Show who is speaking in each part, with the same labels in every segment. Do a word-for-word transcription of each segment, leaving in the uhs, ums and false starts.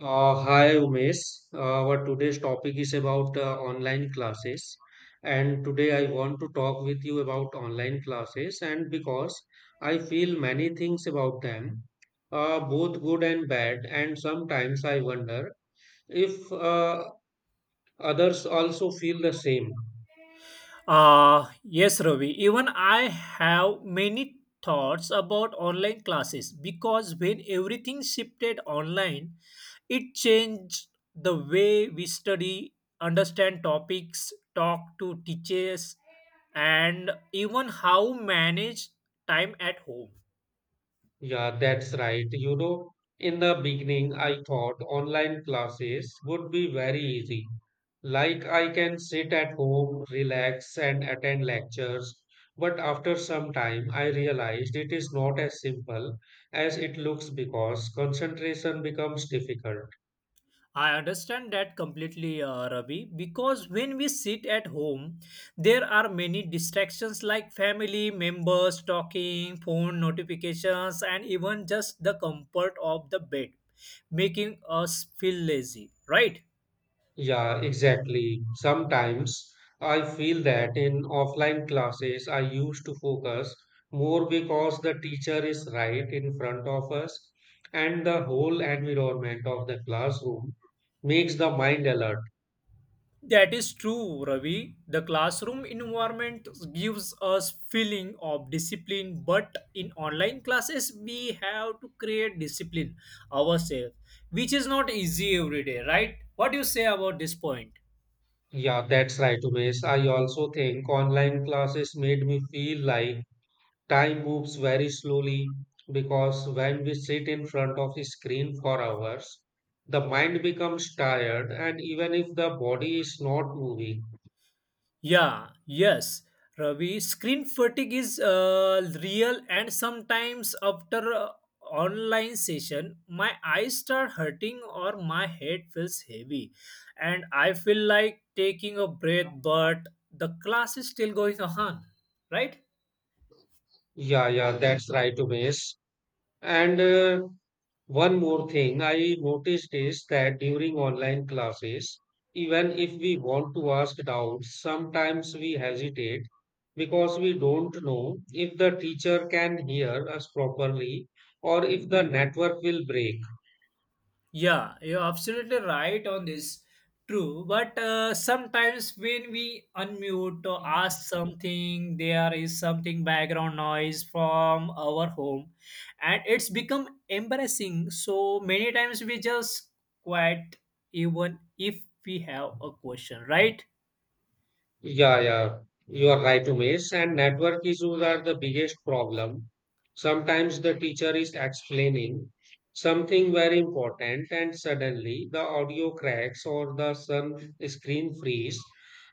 Speaker 1: Uh, hi Umesh. Uh, our today's topic is about uh, online classes, and today I want to talk with you about online classes. And because I feel many things about them, uh, both good and bad, and sometimes I wonder if uh, others also feel the same.
Speaker 2: Uh, yes, Ravi. Even I have many thoughts about online classes because when everything shifted online, it changed the way we study, understand topics, talk to teachers, and even how manage time at home.
Speaker 1: Yeah, that's right. You know, in the beginning, I thought online classes would be very easy. Like I can sit at home, relax, and attend lectures. But after some time, I realized it is not as simple as it looks because concentration becomes difficult.
Speaker 2: I understand that completely, uh, Ravi, because when we sit at home, there are many distractions like family members talking, phone notifications, and even just the comfort of the bed, making us feel lazy, right?
Speaker 1: Yeah, exactly. Sometimes I feel that in offline classes, I used to focus more because the teacher is right in front of us and the whole environment of the classroom makes the mind alert.
Speaker 2: That is true, Ravi. The classroom environment gives us feeling of discipline, but in online classes we have to create discipline ourselves, which is not easy every day, right? What do you say about this point?
Speaker 1: Yeah, that's right, Umesh. I also think online classes made me feel like time moves very slowly because when we sit in front of a screen for hours, the mind becomes tired, and even if the body is not moving.
Speaker 2: Yeah, yes, Ravi. Screen fatigue is uh, real, and sometimes after a online session, my eyes start hurting or my head feels heavy, and I feel like taking a breath, but the class is still going on, right?
Speaker 1: Yeah, yeah, that's right, Umesh. And uh, one more thing I noticed is that during online classes, even if we want to ask doubts, sometimes we hesitate because we don't know if the teacher can hear us properly or if the network will break.
Speaker 2: Yeah, you're absolutely right on this. True, but uh, sometimes when we unmute or ask something, there is something background noise from our home, and it's become embarrassing. So many times we just quiet even if we have a question, right?
Speaker 1: Yeah, yeah, you are right, Umesh. And network issues are the biggest problem. Sometimes the teacher is explaining something very important, and suddenly the audio cracks or the sun screen freeze,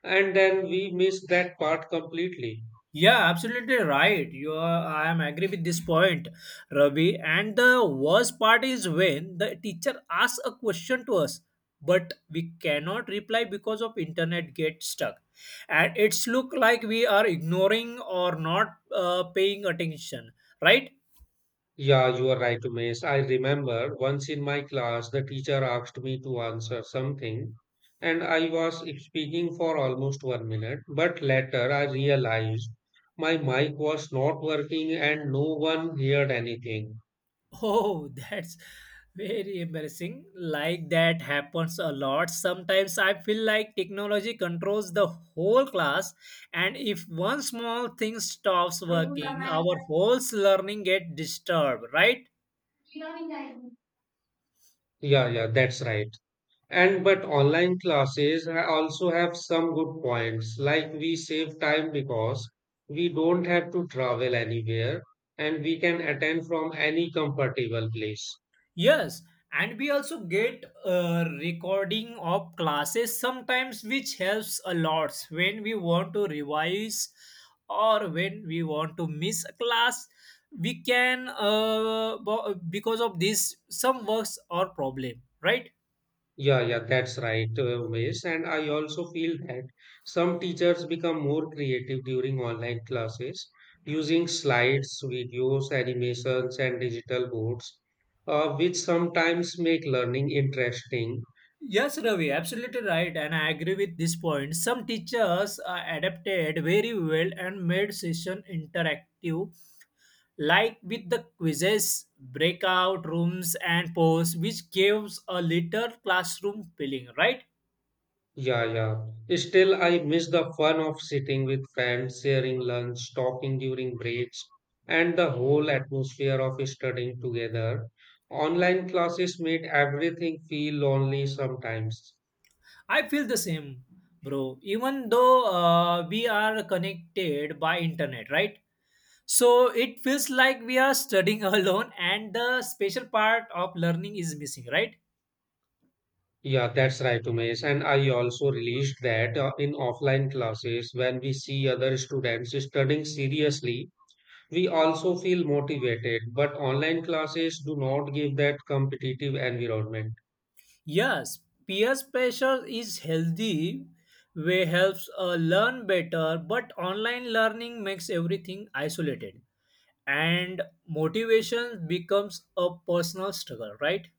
Speaker 1: and then we miss that part completely.
Speaker 2: Yeah, absolutely right. You are, I am agree with this point, Ravi. And the worst part is when the teacher asks a question to us, but we cannot reply because of internet get stuck, and it's look like we are ignoring or not uh, paying attention, right?
Speaker 1: Yeah, you are right, Umesh. I remember once in my class, the teacher asked me to answer something, and I was speaking for almost one minute. But later, I realized my mic was not working and no one heard anything.
Speaker 2: Oh, that's very embarrassing. Like that happens a lot. Sometimes I feel like technology controls the whole class, and if one small thing stops working, our whole learning get disturbed, right?
Speaker 1: Yeah, yeah, that's right. And but online classes ha- also have some good points, like we save time because we don't have to travel anywhere and we can attend from any comfortable place.
Speaker 2: Yes, and we also get a recording of classes sometimes, which helps a lot when we want to revise or when we want to miss a class. We can, uh, bo- because of this, some works or problem, right?
Speaker 1: Yeah, yeah, that's right, uh, Umesh. And I also feel that some teachers become more creative during online classes using slides, videos, animations, and digital boards, uh, which sometimes make learning interesting.
Speaker 2: Yes, Ravi, absolutely right, and I agree with this point. Some teachers uh, adapted very well and made session interactive like with the quizzes, breakout rooms, and polls, which gives a little classroom feeling, right?
Speaker 1: Yeah, yeah. Still, I miss the fun of sitting with friends, sharing lunch, talking during breaks, and the whole atmosphere of studying together. Online classes made everything feel lonely sometimes.
Speaker 2: I feel the same, bro. Even though uh, we are connected by internet, right? So it feels like we are studying alone, and the special part of learning is missing, right?
Speaker 1: Yeah, that's right, Umesh. And I also realized that uh, in offline classes, when we see other students studying seriously, we also feel motivated. But online classes do not give that competitive environment.
Speaker 2: Yes, peer pressure is healthy way helps uh, learn better but online learning makes everything isolated and motivation becomes a personal struggle, right?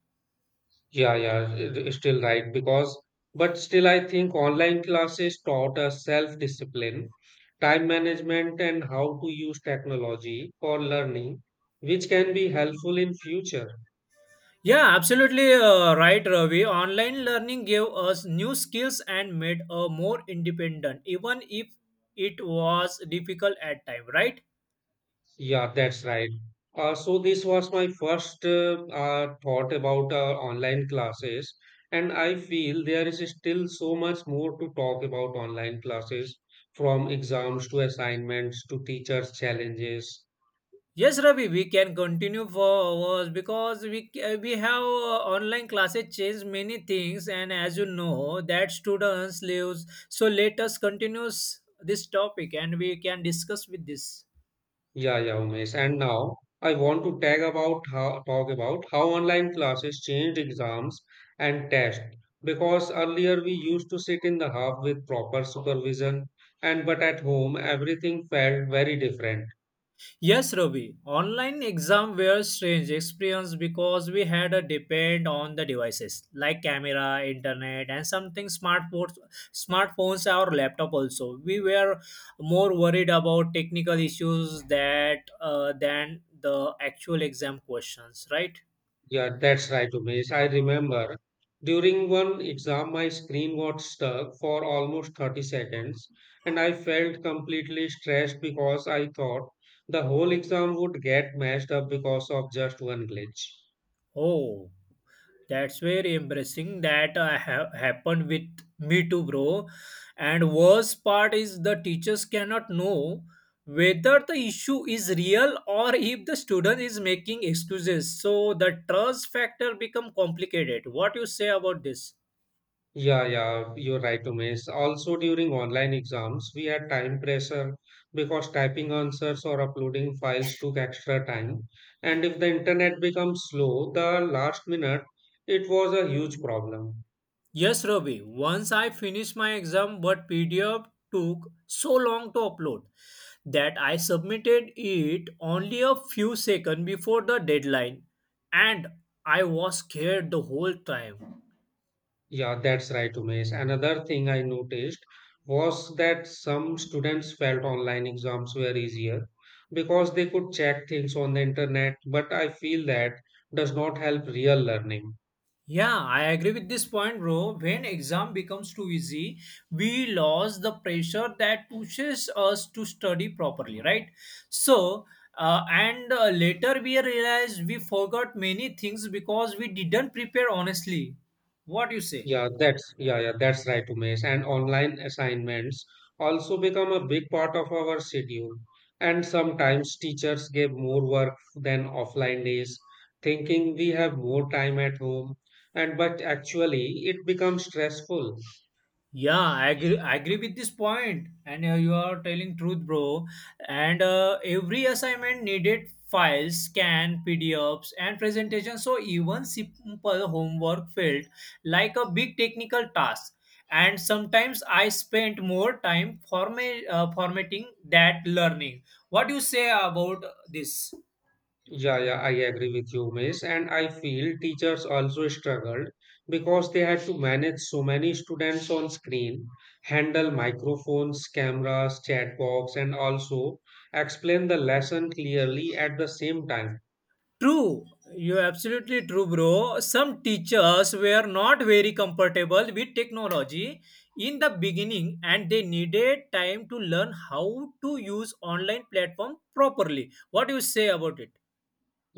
Speaker 1: Yeah, yeah, it- it's still right because, but still, I think online classes taught us self-discipline, time management, and how to use technology for learning, which can be helpful in future.
Speaker 2: Yeah, absolutely uh, right, Ravi. Online learning gave us new skills and made us more independent even if it was difficult at time, right?
Speaker 1: Yeah, that's right. Uh, so this was my first uh, uh, thought about uh, online classes, and I feel there is still so much more to talk about online classes, from exams to assignments to teachers' challenges.
Speaker 2: Yes, Ravi, we can continue for hours because we uh, we have uh, online classes changed many things and as you know that students lives, so let us continue s- this topic and we can discuss with this.
Speaker 1: Yeah, yeah, Umesh. And now I want to tag about how, talk about how online classes changed exams and tests. Because earlier we used to sit in the hub with proper supervision, and but at home everything felt very different.
Speaker 2: Yes, Ravi. Online exam were strange experience because we had a depend on the devices like camera, internet, and something smartphones, smartphones or laptop. Also, we were more worried about technical issues that uh, than the actual exam questions, right?
Speaker 1: Yeah, that's right, Umesh. I remember during one exam my screen got stuck for almost thirty seconds, and I felt completely stressed because I thought the whole exam would get messed up because of just one glitch.
Speaker 2: Oh, that's very embarrassing. That uh, ha- happened with me too, bro. And worst part is the teachers cannot know whether the issue is real or if the student is making excuses. So the trust factor become complicated. What you say about this?
Speaker 1: Yeah, yeah, you're right, Umesh. Also, during online exams, we had time pressure because typing answers or uploading files took extra time. And if the internet becomes slow, the last minute, it was a huge problem.
Speaker 2: Yes, Ravi. Once I finished my exam, but P D F took so long to upload that I submitted it only a few seconds before the deadline, and I was scared the whole time.
Speaker 1: Yeah, that's right, Umesh. Another thing I noticed was that some students felt online exams were easier because they could check things on the internet, but I feel that does not help real learning.
Speaker 2: Yeah, I agree with this point, bro. When exam becomes too easy, we lose the pressure that pushes us to study properly, right? So, uh, and uh, later we realize we forgot many things because we didn't prepare honestly. What do you say?
Speaker 1: Yeah, that's yeah, yeah, that's right, Umesh. And online assignments also become a big part of our schedule. And sometimes teachers give more work than offline days, thinking we have more time at home. And but actually, it becomes stressful.
Speaker 2: Yeah, I agree, I agree with this point, and uh, you are telling truth, bro. And uh, every assignment needed files, scan, P D Fs, and presentation. So even simple homework felt like a big technical task. And sometimes I spent more time format, uh, formatting that learning. What do you say about this?
Speaker 1: Yeah, yeah, I agree with you, Miss. And I feel teachers also struggled because they had to manage so many students on screen, handle microphones, cameras, chat box, and also explain the lesson clearly at the same time.
Speaker 2: True, you're absolutely true, bro. Some teachers were not very comfortable with technology in the beginning and they needed time to learn how to use online platform properly. What do you say about it?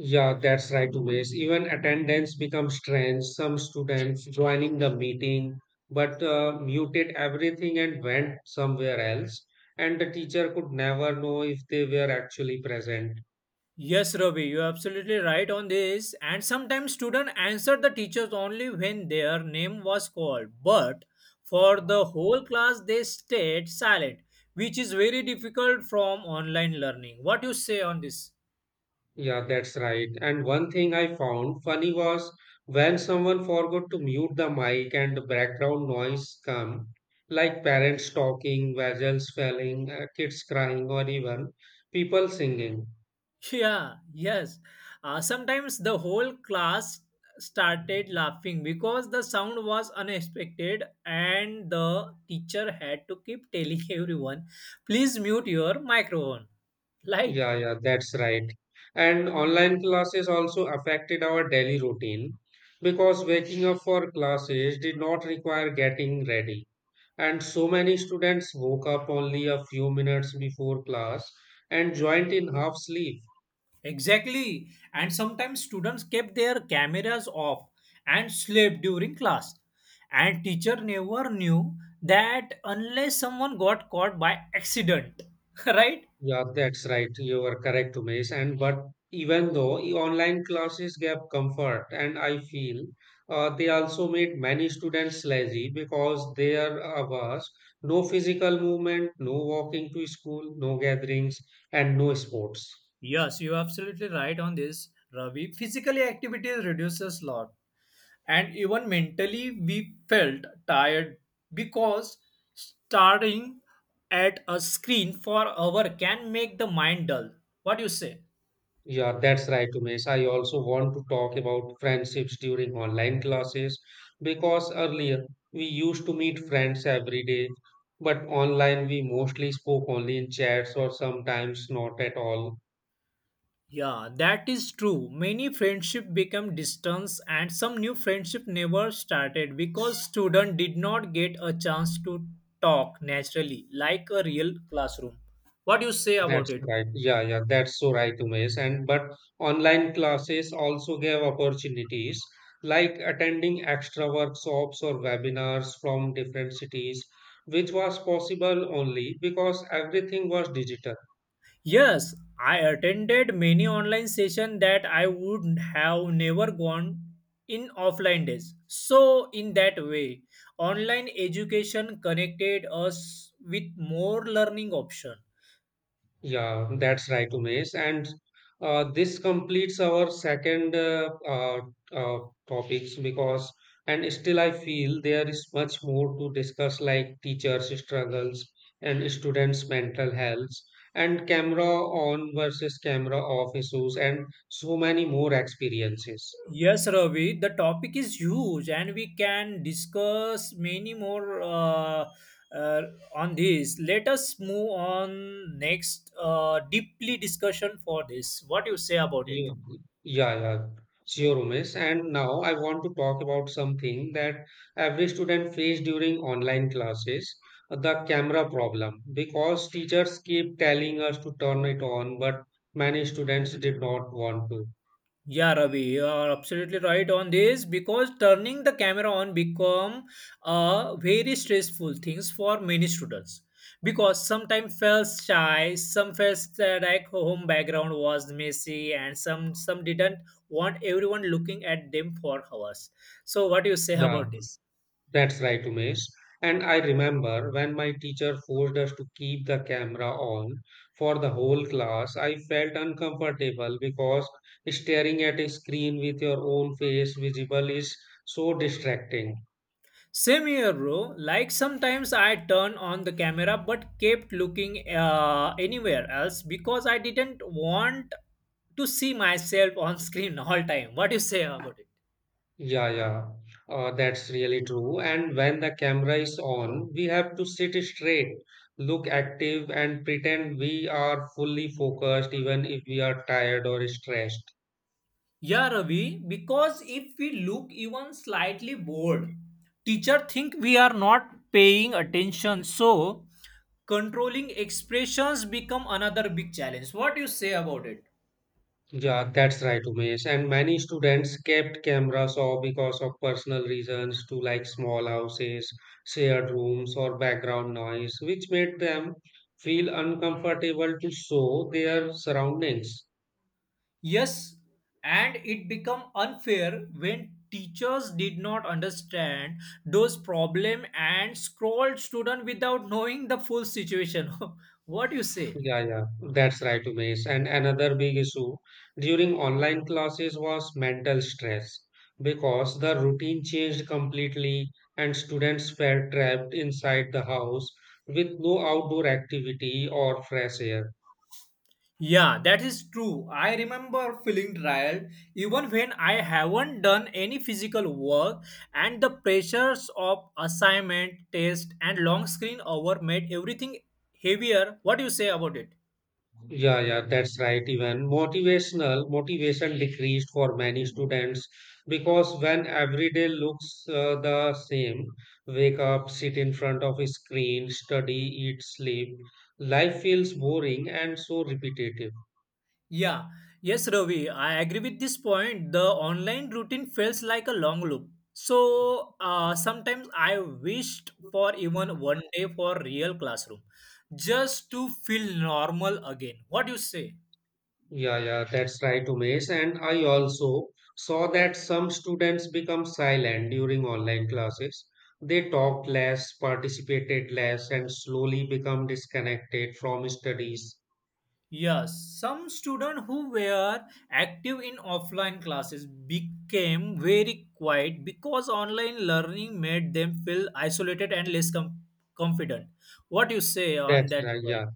Speaker 1: Yeah, that's right, Miss. Even attendance becomes strange. Some students joining the meeting but uh, muted everything and went somewhere else, and the teacher could never know if they were actually present.
Speaker 2: Yes, Ravi, you're absolutely right on this. And sometimes students answered the teachers only when their name was called. But for the whole class, they stayed silent, which is very difficult from online learning. What do you say on this?
Speaker 1: Yeah, that's right. And one thing I found funny was when someone forgot to mute the mic and the background noise come, like parents talking, vessels falling, uh, kids crying, or even people singing.
Speaker 2: Yeah, yes. Uh, sometimes the whole class started laughing because the sound was unexpected and the teacher had to keep telling everyone, please mute your microphone. Like,
Speaker 1: Yeah, yeah, that's right. And online classes also affected our daily routine because waking up for classes did not require getting ready. And so many students woke up only a few minutes before class and joined in half sleep.
Speaker 2: exactly. And sometimes students kept their cameras off and slept during class. And teacher never knew that unless someone got caught by accident, right?
Speaker 1: Yeah, that's right. You are correct, Umesh. And but even though e- online classes gave comfort, and I feel uh, they also made many students lazy because there uh, was no physical movement, no walking to school, no gatherings, and no sports.
Speaker 2: Yes, you're absolutely right on this, Ravi. Physically, activity reduces a lot, and even mentally, we felt tired because staring at a screen for hour can make the mind dull. What do you say?
Speaker 1: Yeah, that's right, Umesh. I also want to talk about friendships during online classes because earlier we used to meet friends every day, but online we mostly spoke only in chats or sometimes not at all.
Speaker 2: Yeah, that is true. Many friendship become distance, and some new friendship never started because student did not get a chance to talk naturally like a real classroom. What do you say about
Speaker 1: That's
Speaker 2: it?
Speaker 1: right. Yeah, yeah, that's so right, Umesh. And but online classes also gave opportunities like attending extra workshops or webinars from different cities, which was possible only because everything was digital.
Speaker 2: Yes, I attended many online sessions that I would have never gone in offline days. So, in that way, online education connected us with more learning option.
Speaker 1: Yeah, that's right, Umesh. And uh, this completes our second uh, uh, uh, topics because, and still I feel there is much more to discuss, like teachers' struggles and students' mental health, and camera on versus camera off issues, and so many more experiences.
Speaker 2: Yes, Ravi, the topic is huge and we can discuss many more uh, uh, on this. Let us move on next uh, deeply discussion for this. What you say about it?
Speaker 1: Yeah, yeah, yeah. Sure, Umesh. And now I want to talk about something that every student face during online classes, the camera problem. Because teachers keep telling us to turn it on, but many students did not want to.
Speaker 2: Yeah, Ravi, you are absolutely right on this because turning the camera on become a very stressful things for many students because sometimes felt shy, some felt that like home background was messy, and some some didn't want everyone looking at them for hours. So, what do you say
Speaker 1: Yeah.
Speaker 2: about this?
Speaker 1: That's right, Umesh. And I remember when my teacher forced us to keep the camera on for the whole class, I felt uncomfortable because staring at a screen with your own face visible is so distracting.
Speaker 2: Same here, bro. Like sometimes I turned on the camera but kept looking uh, anywhere else because I didn't want to see myself on screen all time. What do you say about it?
Speaker 1: Yeah, yeah, uh, that's really true. And when the camera is on, we have to sit straight, look active, and pretend we are fully focused even if we are tired or stressed.
Speaker 2: Yeah, Ravi. Because if we look even slightly bored, teacher think we are not paying attention. So controlling expressions become another big challenge. What do you say about it?
Speaker 1: Yeah, that's right, Umesh. And many students kept cameras off because of personal reasons to like small houses, shared rooms, or background noise, which made them feel uncomfortable to show their surroundings.
Speaker 2: Yes, and it become unfair when teachers did not understand those problem and scold student without knowing the full situation. What you say?
Speaker 1: Yeah, yeah, that's right, Umesh. And another big issue during online classes was mental stress because the routine changed completely and students felt trapped inside the house with no outdoor activity or fresh air.
Speaker 2: Yeah, that is true. I remember feeling tired even when I haven't done any physical work and the pressures of assignment, test and long screen hour made everything heavier. What do you say about it?
Speaker 1: Yeah, yeah, that's right. Even motivational motivation decreased for many students because when every day looks uh, the same, wake up, sit in front of a screen, study, eat, sleep, life feels boring and so repetitive.
Speaker 2: Yeah, yes, Ravi, I agree with this point. The online routine feels like a long loop. So uh, sometimes I wished for even one day for real classroom, just to feel normal again. What do you say?
Speaker 1: Yeah, yeah, that's right, Umesh. And I also saw that some students become silent during online classes. They talked less, participated less, and slowly become disconnected from studies.
Speaker 2: Yes, some students who were active in offline classes became very quiet because online learning made them feel isolated and less com- confident. What do you say on
Speaker 1: That's
Speaker 2: that
Speaker 1: right, yeah.
Speaker 2: point?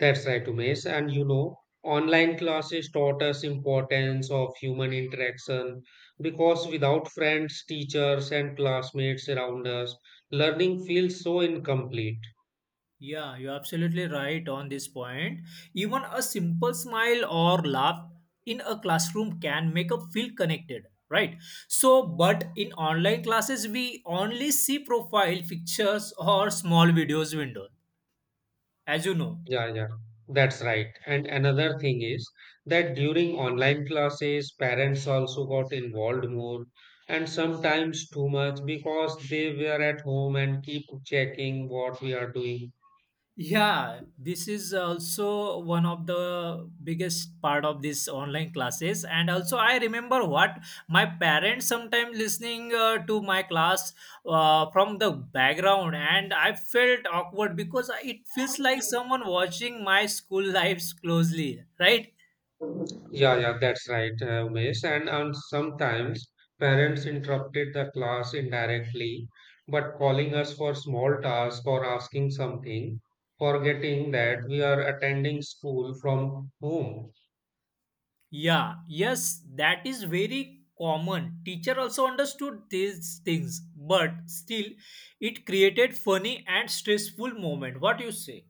Speaker 1: That's right, Umesh. And you know, online classes taught us importance of human interaction because without friends, teachers, and classmates around us, learning feels so incomplete.
Speaker 2: Yeah, you're absolutely right on this point. Even a simple smile or laugh in a classroom can make us feel connected, right? So, but in online classes, we only see profile pictures or small videos window, as you know.
Speaker 1: Yeah, yeah, that's right. And another thing is that during online classes, parents also got involved more and sometimes too much because they were at home and keep checking what we are doing.
Speaker 2: Yeah, this is also one of the biggest part of this online classes and also I remember what my parents sometimes listening uh, to my class uh, from the background and I felt awkward because it feels like someone watching my school lives closely, right?
Speaker 1: Yeah, yeah, that's right, uh, Umesh. And um, sometimes parents interrupted the class indirectly, but calling us for small tasks or asking something, forgetting that we are attending school from home.
Speaker 2: Yeah, yes, that is very common. Teacher also understood these things but still it created funny and stressful moment. What you say?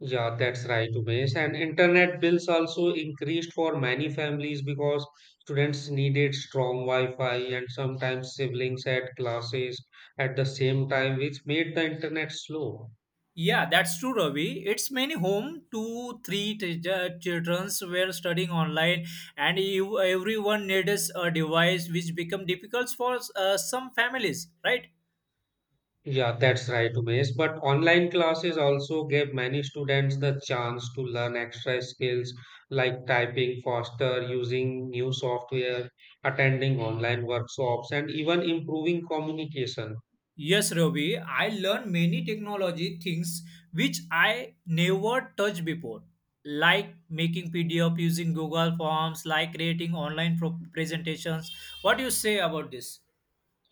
Speaker 1: Yeah, that's right, Umesh. And internet bills also increased for many families because students needed strong Wi-Fi and sometimes siblings had classes at the same time, which made the internet slow.
Speaker 2: Yeah, that's true, Ravi. It's many home two, three t- j- childrens were studying online, and you, everyone needs a device, which become difficult for uh, some families, right?
Speaker 1: Yeah, that's right, Umesh. But online classes also gave many students the chance to learn extra skills like typing faster, using new software, attending online workshops, and even improving communication.
Speaker 2: Yes, Ravi. I learned many technology things which I never touched before, like making P D F using Google Forms, like creating online pro- presentations. What do you say about this?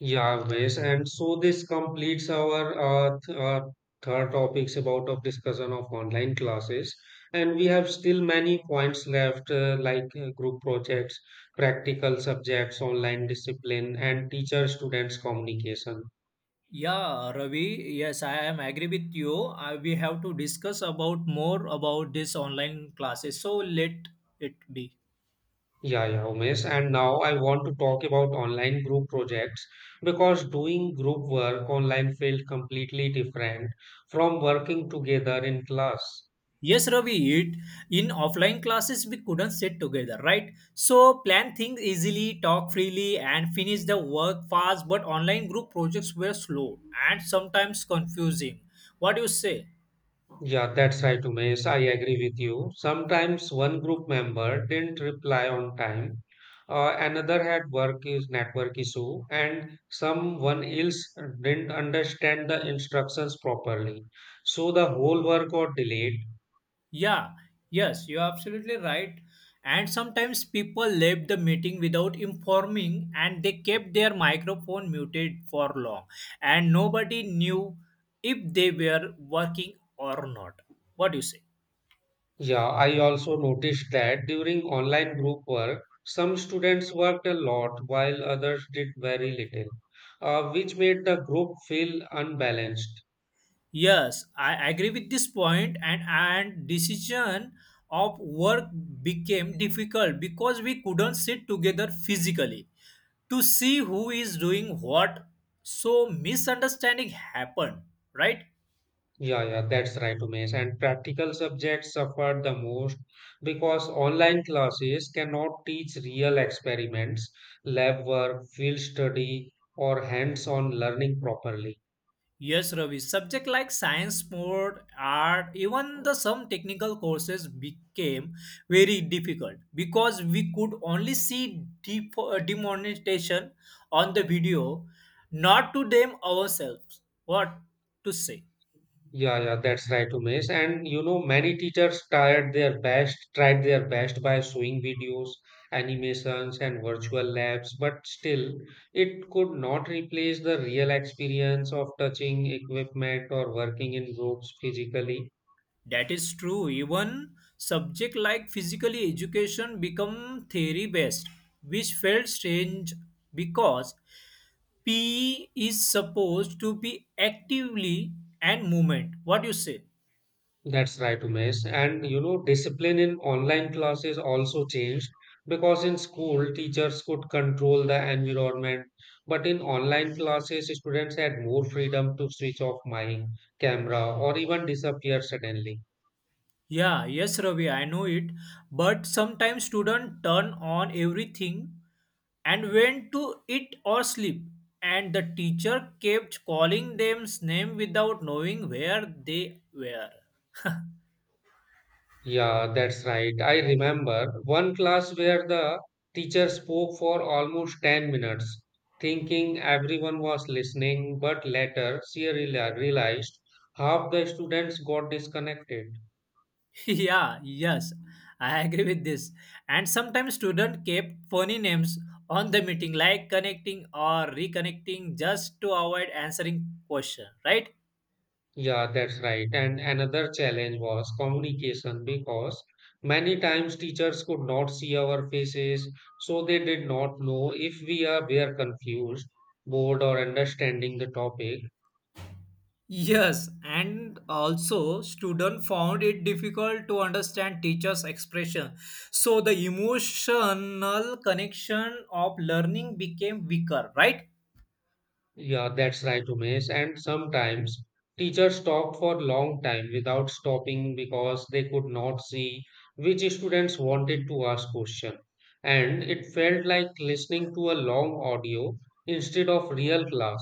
Speaker 1: Yeah, Umesh, and so this completes our uh, th- uh, third topics about of discussion of online classes. And we have still many points left, uh, like uh, group projects, practical subjects, online discipline, and teacher-students communication.
Speaker 2: Yeah, Ravi. Yes, I am agree with you. Uh, we have to discuss about more about this online classes. So let it be.
Speaker 1: Yeah, yeah, Umesh. And now I want to talk about online group projects because doing group work online felt completely different from working together in class.
Speaker 2: Yes, Ravi. It in offline classes we couldn't sit together, right? So plan things easily, talk freely, and finish the work fast. But online group projects were slow and sometimes confusing. What do you say?
Speaker 1: Yeah, that's right, Umesh. I agree with you. Sometimes one group member didn't reply on time, uh, another had work is network issue, and someone else didn't understand the instructions properly. So the whole work got delayed.
Speaker 2: Yeah, yes, you're absolutely right. And sometimes people left the meeting without informing and they kept their microphone muted for long and nobody knew if they were working or not. What do you say?
Speaker 1: Yeah, I also noticed that during online group work, some students worked a lot while others did very little, uh, which made the group feel unbalanced.
Speaker 2: Yes, I agree with this point and and decision of work became difficult because we couldn't sit together physically to see who is doing what. So misunderstanding happened, right?
Speaker 1: Yeah, yeah, that's right, Umesh. And practical subjects suffered the most because online classes cannot teach real experiments, lab work, field study, or hands-on learning properly.
Speaker 2: Yes, Ravi. Subject like science, sport, art, even the some technical courses became very difficult because we could only see de demonstration on the video, not to them ourselves. What to say?
Speaker 1: Yeah, yeah, that's right, Umesh. And you know, many teachers tried their best, tried their best by showing videos, animations, and virtual labs, but still, it could not replace the real experience of touching equipment or working in groups physically.
Speaker 2: That is true. Even subject like physically education become theory based, which felt strange because P E is supposed to be actively and movement. What you say?
Speaker 1: That's right, Umesh. And you know, discipline in online classes also changed because in school, teachers could control the environment, but in online classes, students had more freedom to switch off my camera or even disappear suddenly.
Speaker 2: Yeah, yes, Ravi, I know it. But sometimes students turn on everything and went to eat or sleep, and the teacher kept calling them name without knowing where they were.
Speaker 1: Yeah, that's right. I remember one class where the teacher spoke for almost ten minutes, thinking everyone was listening, but later she reali- realized half the students got disconnected.
Speaker 2: Yeah, yes, I agree with this. And sometimes students kept funny names on the meeting, like connecting or reconnecting, just to avoid answering question, right?
Speaker 1: Yeah, that's right. And another challenge was communication because many times teachers could not see our faces, so they did not know if we are were confused, bored, or understanding the topic.
Speaker 2: Yes, and also students found it difficult to understand teachers' expression. So the emotional connection of learning became weaker, right?
Speaker 1: Yeah, that's right, Umesh. And sometimes teachers talked for long time without stopping because they could not see which students wanted to ask question. And it felt like listening to a long audio instead of real class.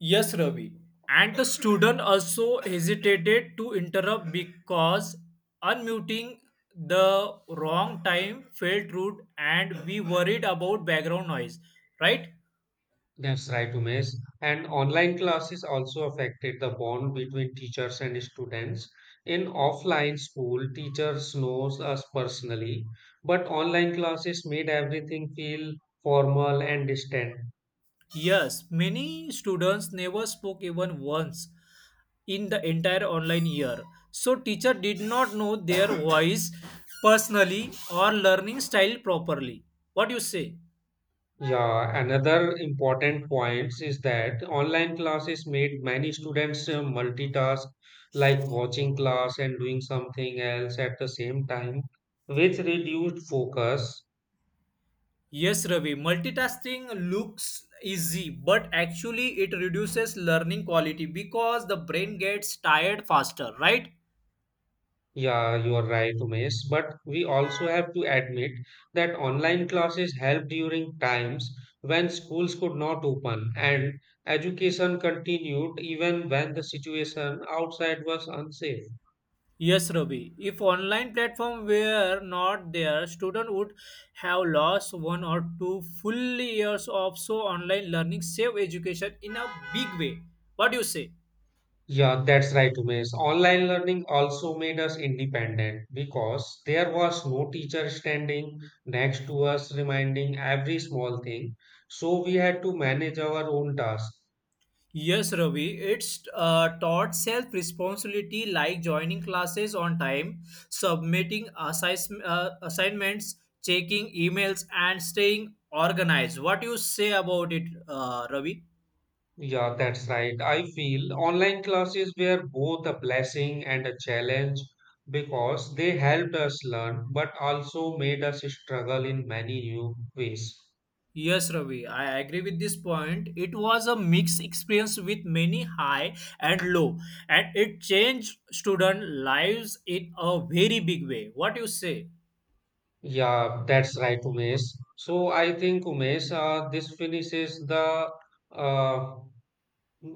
Speaker 2: Yes, Ravi. And the student also hesitated to interrupt because unmuting the wrong time felt rude and we worried about background noise, right?
Speaker 1: That's right, Umesh. And online classes also affected the bond between teachers and students. In offline school, teachers knows us personally, but online classes made everything feel formal and distant.
Speaker 2: Yes, many students never spoke even once in the entire online year. So teacher did not know their voice personally or learning style properly. What you say?
Speaker 1: Yeah, another important point is that online classes made many students uh, multitask, like watching class and doing something else at the same time, which reduced focus.
Speaker 2: Yes, Ravi, multitasking looks easy, but actually it reduces learning quality because the brain gets tired faster, right?
Speaker 1: Yeah, you are right, Umesh. But we also have to admit that online classes helped during times when schools could not open and education continued even when the situation outside was unsafe.
Speaker 2: Yes, Ravi. If online platform were not there, student would have lost one or two full years of so online learning save education in a big way. What do you say?
Speaker 1: Yeah, that's right, Umesh. Online learning also made us independent because there was no teacher standing next to us reminding every small thing. So we had to manage our own tasks.
Speaker 2: Yes, Ravi. It's uh, taught self responsibility like joining classes on time, submitting assis- uh, assignments, checking emails, and staying organized. What do you say about it, uh, Ravi?
Speaker 1: Yeah, that's right. I feel online classes were both a blessing and a challenge because they helped us learn, but also made us struggle in many new ways.
Speaker 2: Yes, Ravi, I agree with this point. It was a mixed experience with many high and low, and it changed student lives in a very big way. What you say?
Speaker 1: Yeah, that's right, Umesh. So I think, Umesh, uh, this finishes the uh,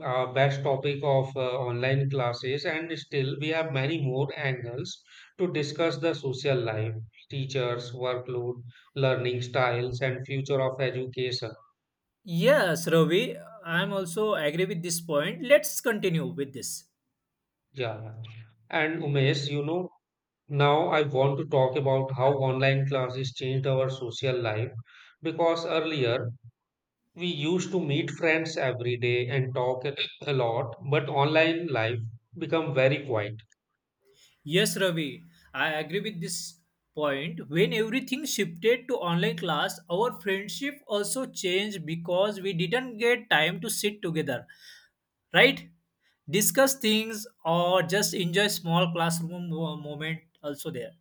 Speaker 1: uh, best topic of uh, online classes, and still we have many more angles to discuss the social life, teachers, workload, learning styles, and future of education.
Speaker 2: Yes, Ravi, I'm also agree with this point. Let's continue with this.
Speaker 1: Yeah. And Umesh, you know, now I want to talk about how online classes changed our social life because earlier we used to meet friends every day and talk a a lot, but online life become very quiet.
Speaker 2: Yes, Ravi, I agree with this point. When everything shifted to online class, our friendship also changed because we didn't get time to sit together, right? Discuss things or just enjoy small classroom mo- moment also there.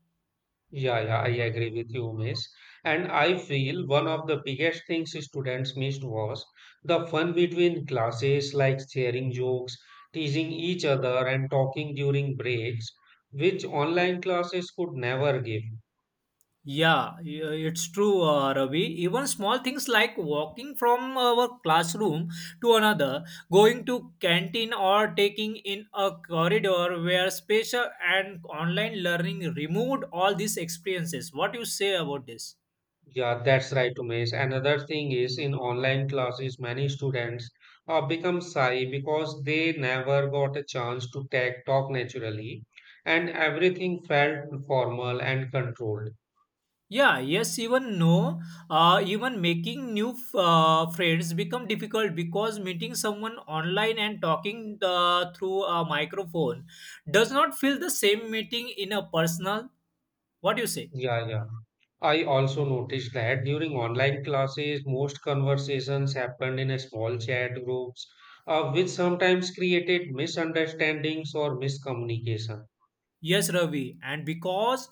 Speaker 1: Yeah, yeah, I agree with you, Miss. And I feel one of the biggest things students missed was the fun between classes, like sharing jokes, teasing each other, and talking during breaks, which online classes could never give.
Speaker 2: Yeah, y- it's true, uh, Ravi. Even small things like walking from our classroom to another, going to canteen, or taking in a corridor where spatial and online learning removed all these experiences. What you say about this?
Speaker 1: Yeah, that's right, Miss. Another thing is in online classes, many students uh, become shy because they never got a chance to tag talk naturally, and everything felt formal and controlled.
Speaker 2: Yeah, yes, even no, uh, even making new f- uh, friends become difficult because meeting someone online and talking uh, through a microphone does not feel the same meeting in a personal. What do you say?
Speaker 1: Yeah, yeah. I also noticed that during online classes, most conversations happened in a small chat groups, uh, which sometimes created misunderstandings or miscommunication.
Speaker 2: Yes, Ravi, and because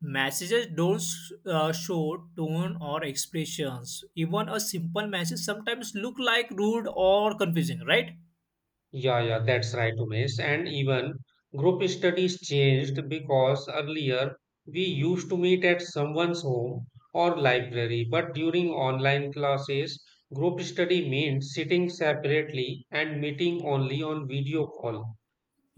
Speaker 2: messages don't uh, show tone or expressions, even a simple message sometimes look like rude or confusing, right?
Speaker 1: Yeah, yeah, that's right, Umesh. And even group studies changed because earlier we used to meet at someone's home or library, but during online classes, group study means sitting separately and meeting only on video call.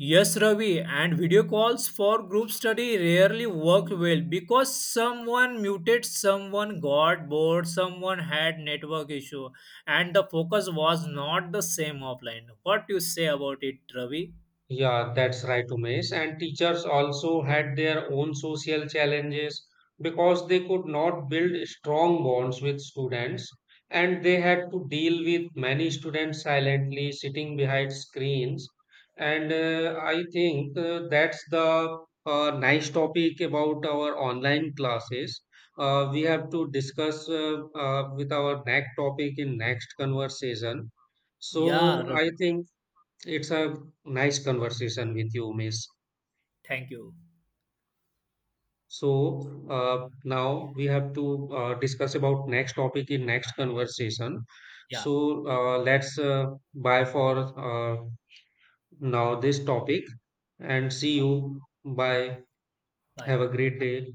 Speaker 2: Yes, Ravi, and video calls for group study rarely work well because someone muted, someone got bored, someone had network issue, and the focus was not the same offline. What you say about it, Ravi?
Speaker 1: Yeah, that's right, Umesh. And teachers also had their own social challenges because they could not build strong bonds with students and they had to deal with many students silently sitting behind screens. And uh, I think uh, that's the uh, nice topic about our online classes. Uh, we have to discuss uh, uh, with our next topic in next conversation.
Speaker 2: Yeah,
Speaker 1: So I
Speaker 2: Ravi.
Speaker 1: think. It's a nice conversation with you, Miss.
Speaker 2: Thank you.
Speaker 1: So uh, now we have to uh, discuss about next topic in next conversation.
Speaker 2: Yeah,
Speaker 1: So uh, let's uh, bye for uh, now this topic and see you. Bye.
Speaker 2: bye.
Speaker 1: Have a great day.